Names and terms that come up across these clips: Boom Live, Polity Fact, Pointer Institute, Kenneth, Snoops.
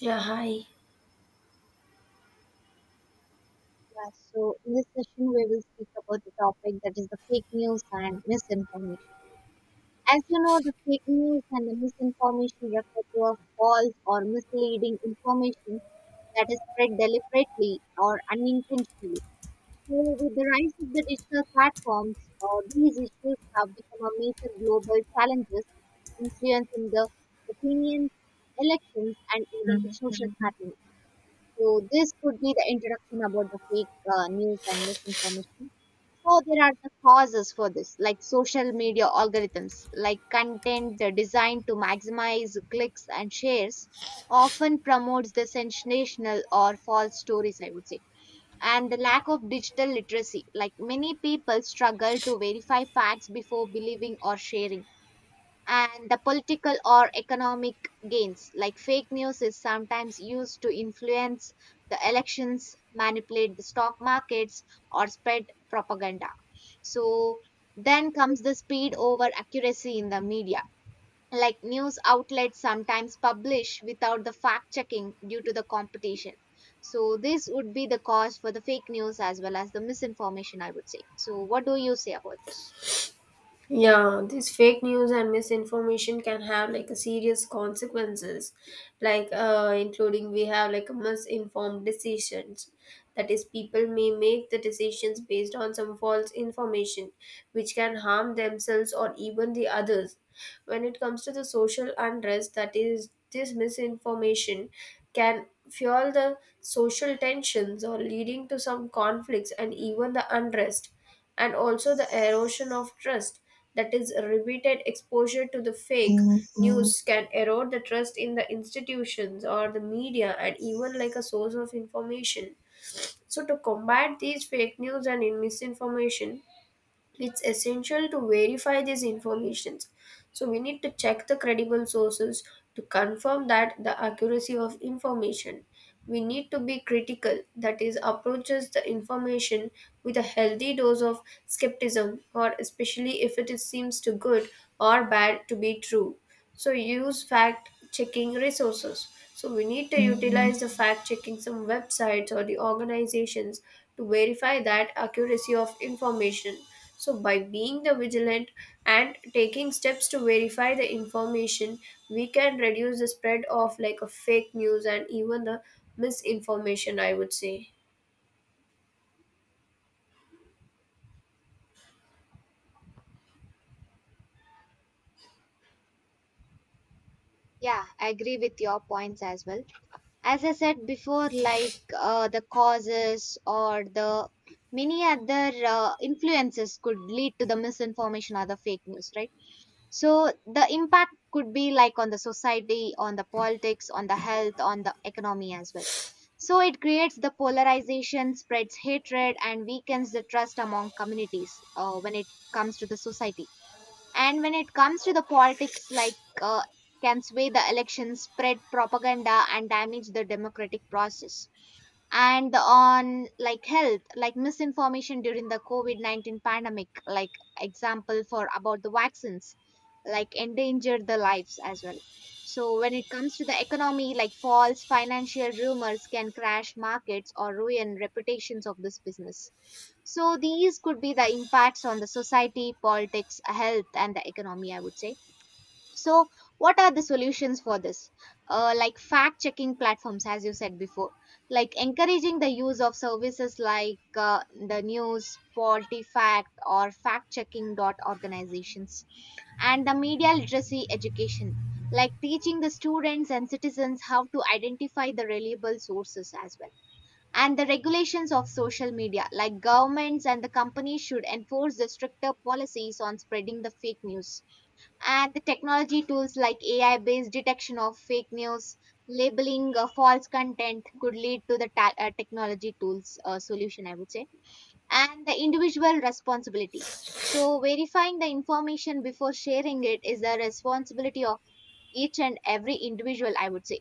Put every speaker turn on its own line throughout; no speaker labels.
Yeah, hi.
Yeah, so in this session, we will speak about the topic that is the fake news and misinformation. As you know, the fake news and the misinformation refer to a false or misleading information that is spread deliberately or unintentionally. So, with the rise of the digital platforms, these issues have become a major global challenges, influencing the opinions, elections, and even the social, mhm. happenings. So this could be the introduction about the fake news and misinformation. So there are the causes for this, like social media algorithms, like content designed to maximize clicks and shares, often promotes the sensational or false stories, I would say. And the lack of digital literacy, like many people struggle to verify facts before believing or sharing, and the political or economic gains, like fake news is sometimes used to influence the elections, manipulate the stock markets, or spread propaganda. So then comes the speed over accuracy in the media, like news outlets sometimes publish without the fact checking due to the competition. So this would be the cause for the fake news as well as the misinformation, I would say. So what do you say about this?
Yeah, this fake news and misinformation can have like a serious consequences, like including we have like misinformed decisions. That is, people may make the decisions based on some false information, which can harm themselves or even the others. When it comes to the social unrest, that is, this misinformation can fuel the social tensions or leading to some conflicts and even the unrest, and also the erosion of trust, that is repeated exposure to the fake news can erode the trust in the institutions or the media and even like a source of information. So to combat these fake news and in misinformation, it's essential to verify these informations. So we need to check the credible sources to confirm that the accuracy of information. We need to be critical, that is approaches the information with a healthy dose of skepticism, or especially if it is, seems too good or bad to be true. So use fact checking resources, so we need to utilize the fact checking some websites or the organizations to verify that accuracy of information. So, by being the vigilant and taking steps to verify the information, we can reduce the spread of like a fake news and even the misinformation, I would say.
Yeah, I agree with your points as well. As I said before, like, the causes or the many other influences could lead to the misinformation or the fake news, right? So the impact could be like on the society, on the politics, on the health, on the economy as well. So it creates the polarization, spreads hatred, and weakens the trust among communities, when it comes to the society. And when it comes to the politics, like, can sway the elections, spread propaganda, and damage the democratic process. And on like health, like misinformation during the COVID-19 pandemic, like example for about the vaccines, like endangered the lives as well. So when it comes to the economy, like false financial rumors can crash markets or ruin reputations of this business. So these could be the impacts on the society, politics, health, and the economy, I would say. So, what are the solutions for this? Like fact checking platforms, as you said before, like encouraging the use of services like, the news, Polity Fact, or fact checking dot organizations, and the media literacy education, like teaching the students and citizens how to identify the reliable sources as well, and the regulations of social media, like governments and the companies, should enforce the stricter policies on spreading the fake news. And the technology tools like AI based detection of fake news, labeling false content, could lead to the technology tools solution, I would say. And the individual responsibility. So, verifying the information before sharing it is the responsibility of each and every individual, I would say.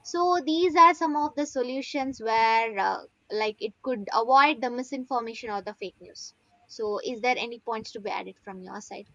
So these are some of the solutions where, like, it could avoid the misinformation or the fake news. So is there any points to be added from your side?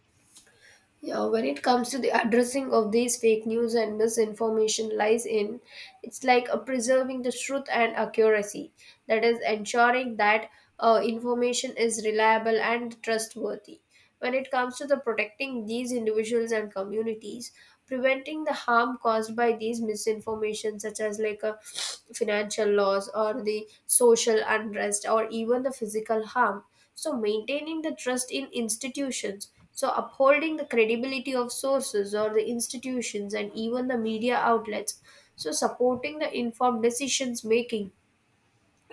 Yeah, when it comes to the addressing of these fake news and misinformation lies in, it's like preserving the truth and accuracy. That is ensuring that information is reliable and trustworthy. When it comes to the protecting these individuals and communities, preventing the harm caused by these misinformation, such as like a financial loss or the social unrest or even the physical harm, so, maintaining the trust in institutions, so upholding the credibility of sources or the institutions and even the media outlets, so supporting the informed decisions making,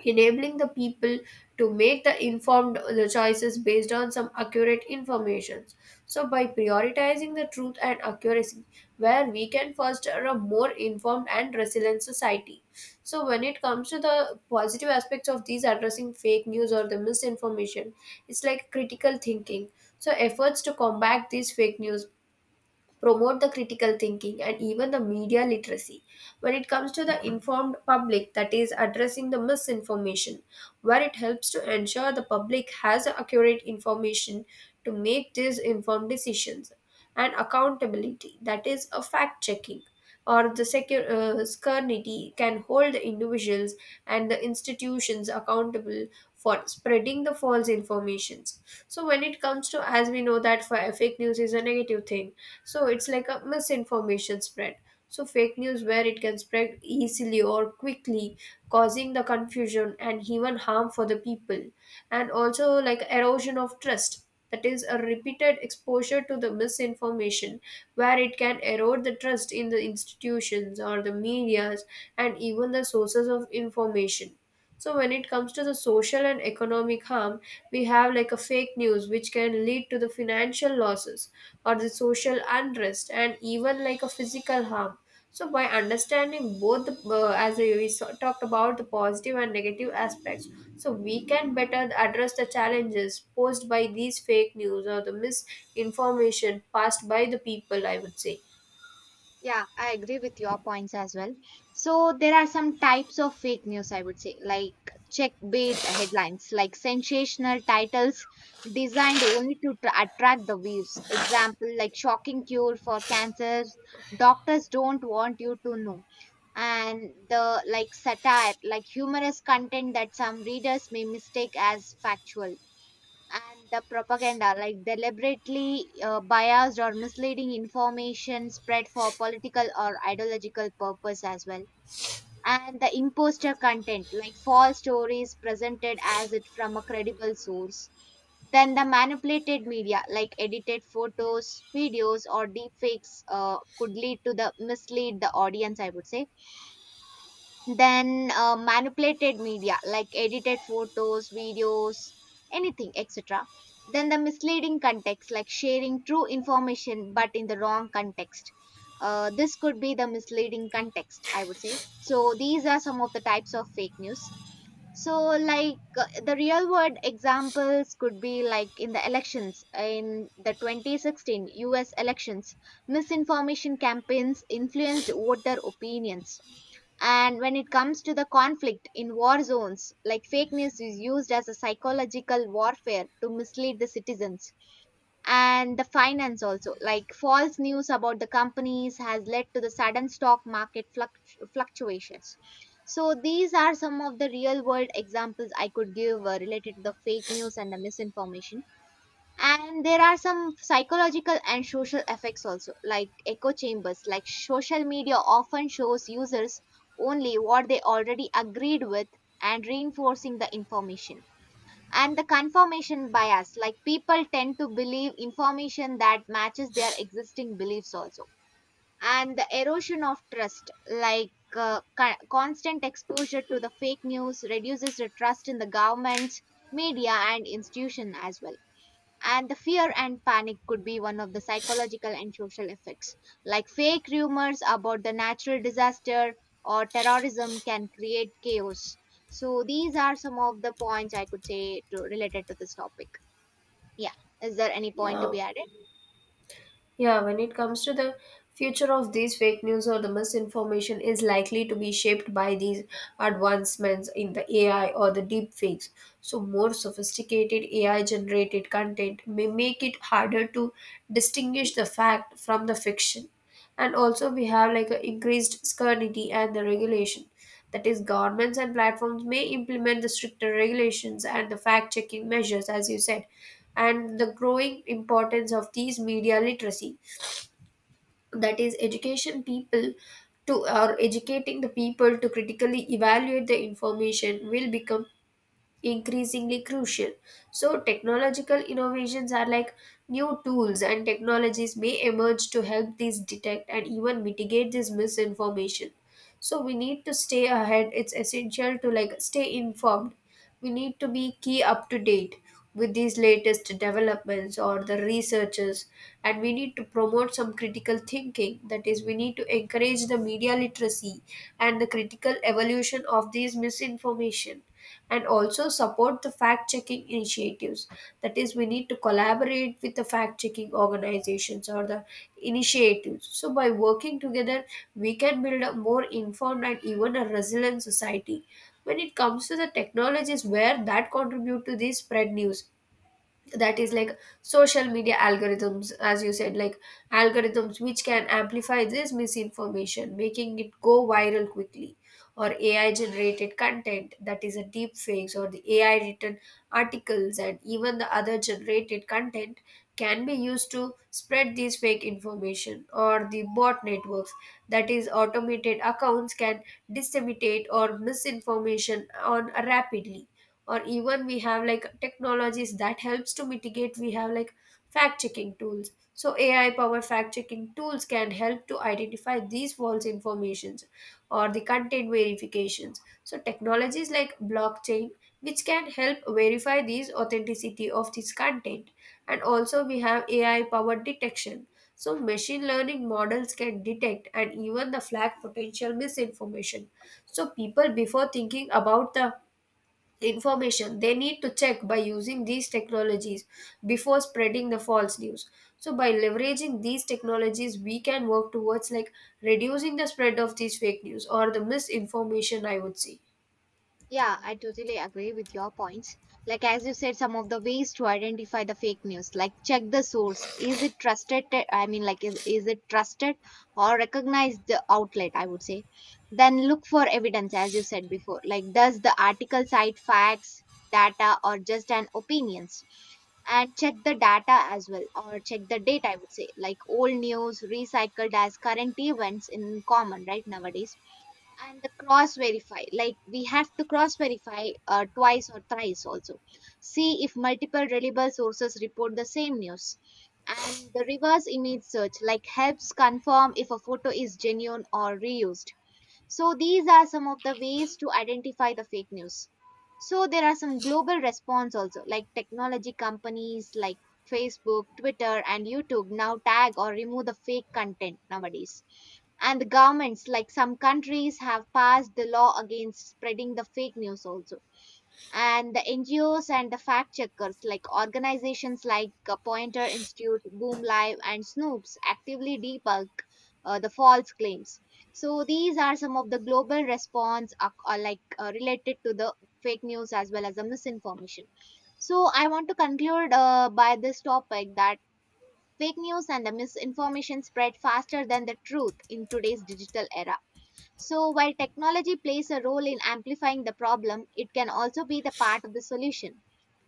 enabling the people to make the informed choices based on some accurate information. So by prioritizing the truth and accuracy, where we can foster a more informed and resilient society. So when it comes to the positive aspects of these addressing fake news or the misinformation, it's like critical thinking. So efforts to combat these fake news promote the critical thinking and even the media literacy. When it comes to the informed public, that is addressing the misinformation, where it helps to ensure the public has accurate information to make these informed decisions, and accountability, that is a fact checking or the security can hold the individuals and the institutions accountable for spreading the false informations. So when it comes to, as we know that for fake news is a negative thing, so it's like a misinformation spread. So fake news where it can spread easily or quickly, causing the confusion and even harm for the people, and also like erosion of trust, that is a repeated exposure to the misinformation, where it can erode the trust in the institutions or the medias and even the sources of information. So when it comes to the social and economic harm, we have like a fake news which can lead to the financial losses or the social unrest and even like a physical harm. So by understanding both the as we talked about the positive and negative aspects, so we can better address the challenges posed by these fake news or the misinformation passed by the people. I would say,
Yeah, I agree with your points as well. So there are some types of fake news, I would say, like clickbait headlines, like sensational titles designed only to attract the views. Example like shocking cure for cancer, doctors don't want you to know. And the like satire, like humorous content that some readers may mistake as factual. And the propaganda, like deliberately biased or misleading information spread for political or ideological purpose as well. And the imposter content, like false stories presented as it from a credible source. Then the manipulated media, like edited photos, videos, or deepfakes, could lead to the mislead the audience, I would say. Then, manipulated media, like edited photos, videos, anything etc. Then the misleading context, like sharing true information but in the wrong context, this could be the misleading context, I would say. So these are some of the types of fake news. So, like, the real world examples could be like in the elections. In the 2016 US elections, misinformation campaigns influenced voter opinions. And when it comes to the conflict in war zones, like fake news is used as a psychological warfare to mislead the citizens. And the finance also, like false news about the companies has led to the sudden stock market fluctuations. So these are some of the real world examples I could give, related to the fake news and the misinformation. And there are some psychological and social effects also, like echo chambers, like social media often shows users only what they already agreed with, and reinforcing the information. And the confirmation bias, like people tend to believe information that matches their existing beliefs also. And the erosion of trust, like, constant exposure to the fake news reduces the trust in the governments, media, and institution as well. And the fear and panic could be one of the psychological and social effects, like fake rumors about the natural disaster or terrorism can create chaos. So these are some of the points I could say to, related to this topic. Yeah, is there any point to
yeah.
be added?
Yeah, when it comes to the future of these fake news or the misinformation is likely to be shaped by these advancements in the AI or the deep fakes. So more sophisticated AI generated content may make it harder to distinguish the fact from the fiction. And also we have like an increased scrutiny and the regulation. That is, governments and platforms may implement the stricter regulations and the fact checking measures, as you said, and the growing importance of these media literacy. That is, education people to, or educating the people to critically evaluate the information will become increasingly crucial. So, technological innovations are like new tools and technologies may emerge to help these detect and even mitigate this misinformation. So, we need to stay ahead. It's essential to like stay informed, we need to be key up to date with these latest developments or the researchers, and we need to promote some critical thinking, that is we need to encourage the media literacy and the critical evolution of these misinformation, and also support the fact checking initiatives, that is we need to collaborate with the fact checking organizations or the initiatives. So by working together, we can build a more informed and even a resilient society. When it comes to the technologies where that contribute to the spread news, that is like social media algorithms, as you said, like algorithms which can amplify this misinformation making it go viral quickly, or AI generated content, that is a deep fakes or the AI written articles and even the other generated content can be used to spread these fake information, or the bot networks, that is automated accounts can disseminate or misinformation on rapidly, or even we have like technologies that helps to mitigate. We have like fact checking tools, so AI powered fact checking tools can help to identify these false informations, or the content verifications, so technologies like blockchain, which can help verify these authenticity of this content, and also we have AI powered detection, so machine learning models can detect and even the flag potential misinformation. So people, before thinking about the information, they need to check by using these technologies before spreading the false news. So by leveraging these technologies, we can work towards like reducing the spread of these fake news or the misinformation, I would say.
Yeah, I totally agree with your points. Like, as you said, some of the ways to identify the fake news, like check the source. Is it trusted? I mean, like, is it trusted or recognize the outlet? I would say. Then look for evidence, as you said before. Like, does the article cite facts, data, or just an opinions? And check the data as well, or check the date, I would say, like old news recycled as current events in common, right, nowadays. And the cross verify, like, we have to cross verify twice or thrice also. See if multiple reliable sources report the same news. And the reverse image search, like, helps confirm if a photo is genuine or reused. So these are some of the ways to identify the fake news. So there are some global response also, like technology companies like Facebook, Twitter, and YouTube now tag or remove the fake content nowadays. And the governments, like some countries, have passed the law against spreading the fake news also. And the NGOs and the fact checkers, like organizations like, Pointer Institute, Boom Live, and Snoops, actively debunk the false claims. So these are some of the global response, like, related to the fake news as well as the misinformation. So I want to conclude by this topic that fake news and the misinformation spread faster than the truth in today's digital era. So, while technology plays a role in amplifying the problem, it can also be the part of the solution.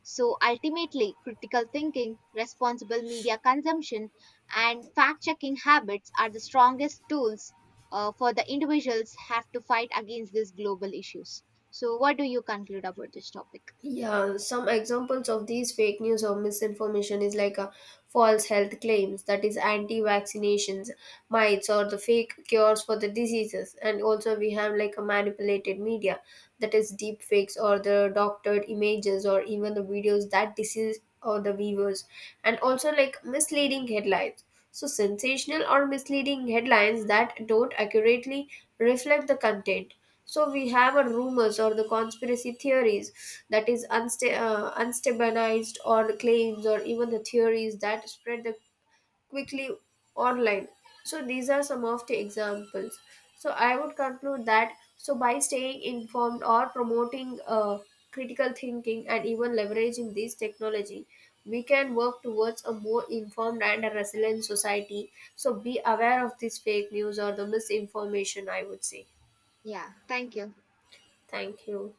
So, ultimately, critical thinking, responsible media consumption, and fact checking habits are the strongest tools for the individuals have to fight against these global issues. So, what do you conclude about this topic?
Yeah, some examples of these fake news or misinformation is like false health claims, that is anti-vaccinations, myths, or the fake cures for the diseases. And also we have like a manipulated media, that is deep fakes or the doctored images or even the videos that deceive or the viewers. And also like misleading headlines. So sensational or misleading headlines that don't accurately reflect the content. So we have a rumors or the conspiracy theories, that is unstabilized or claims or even the theories that spread the quickly online. So these are some of the examples. So I would conclude that, so by staying informed or promoting critical thinking and even leveraging this technology, we can work towards a more informed and a resilient society. So be aware of this fake news or the misinformation, I would say.
Yeah, thank you.
Thank you.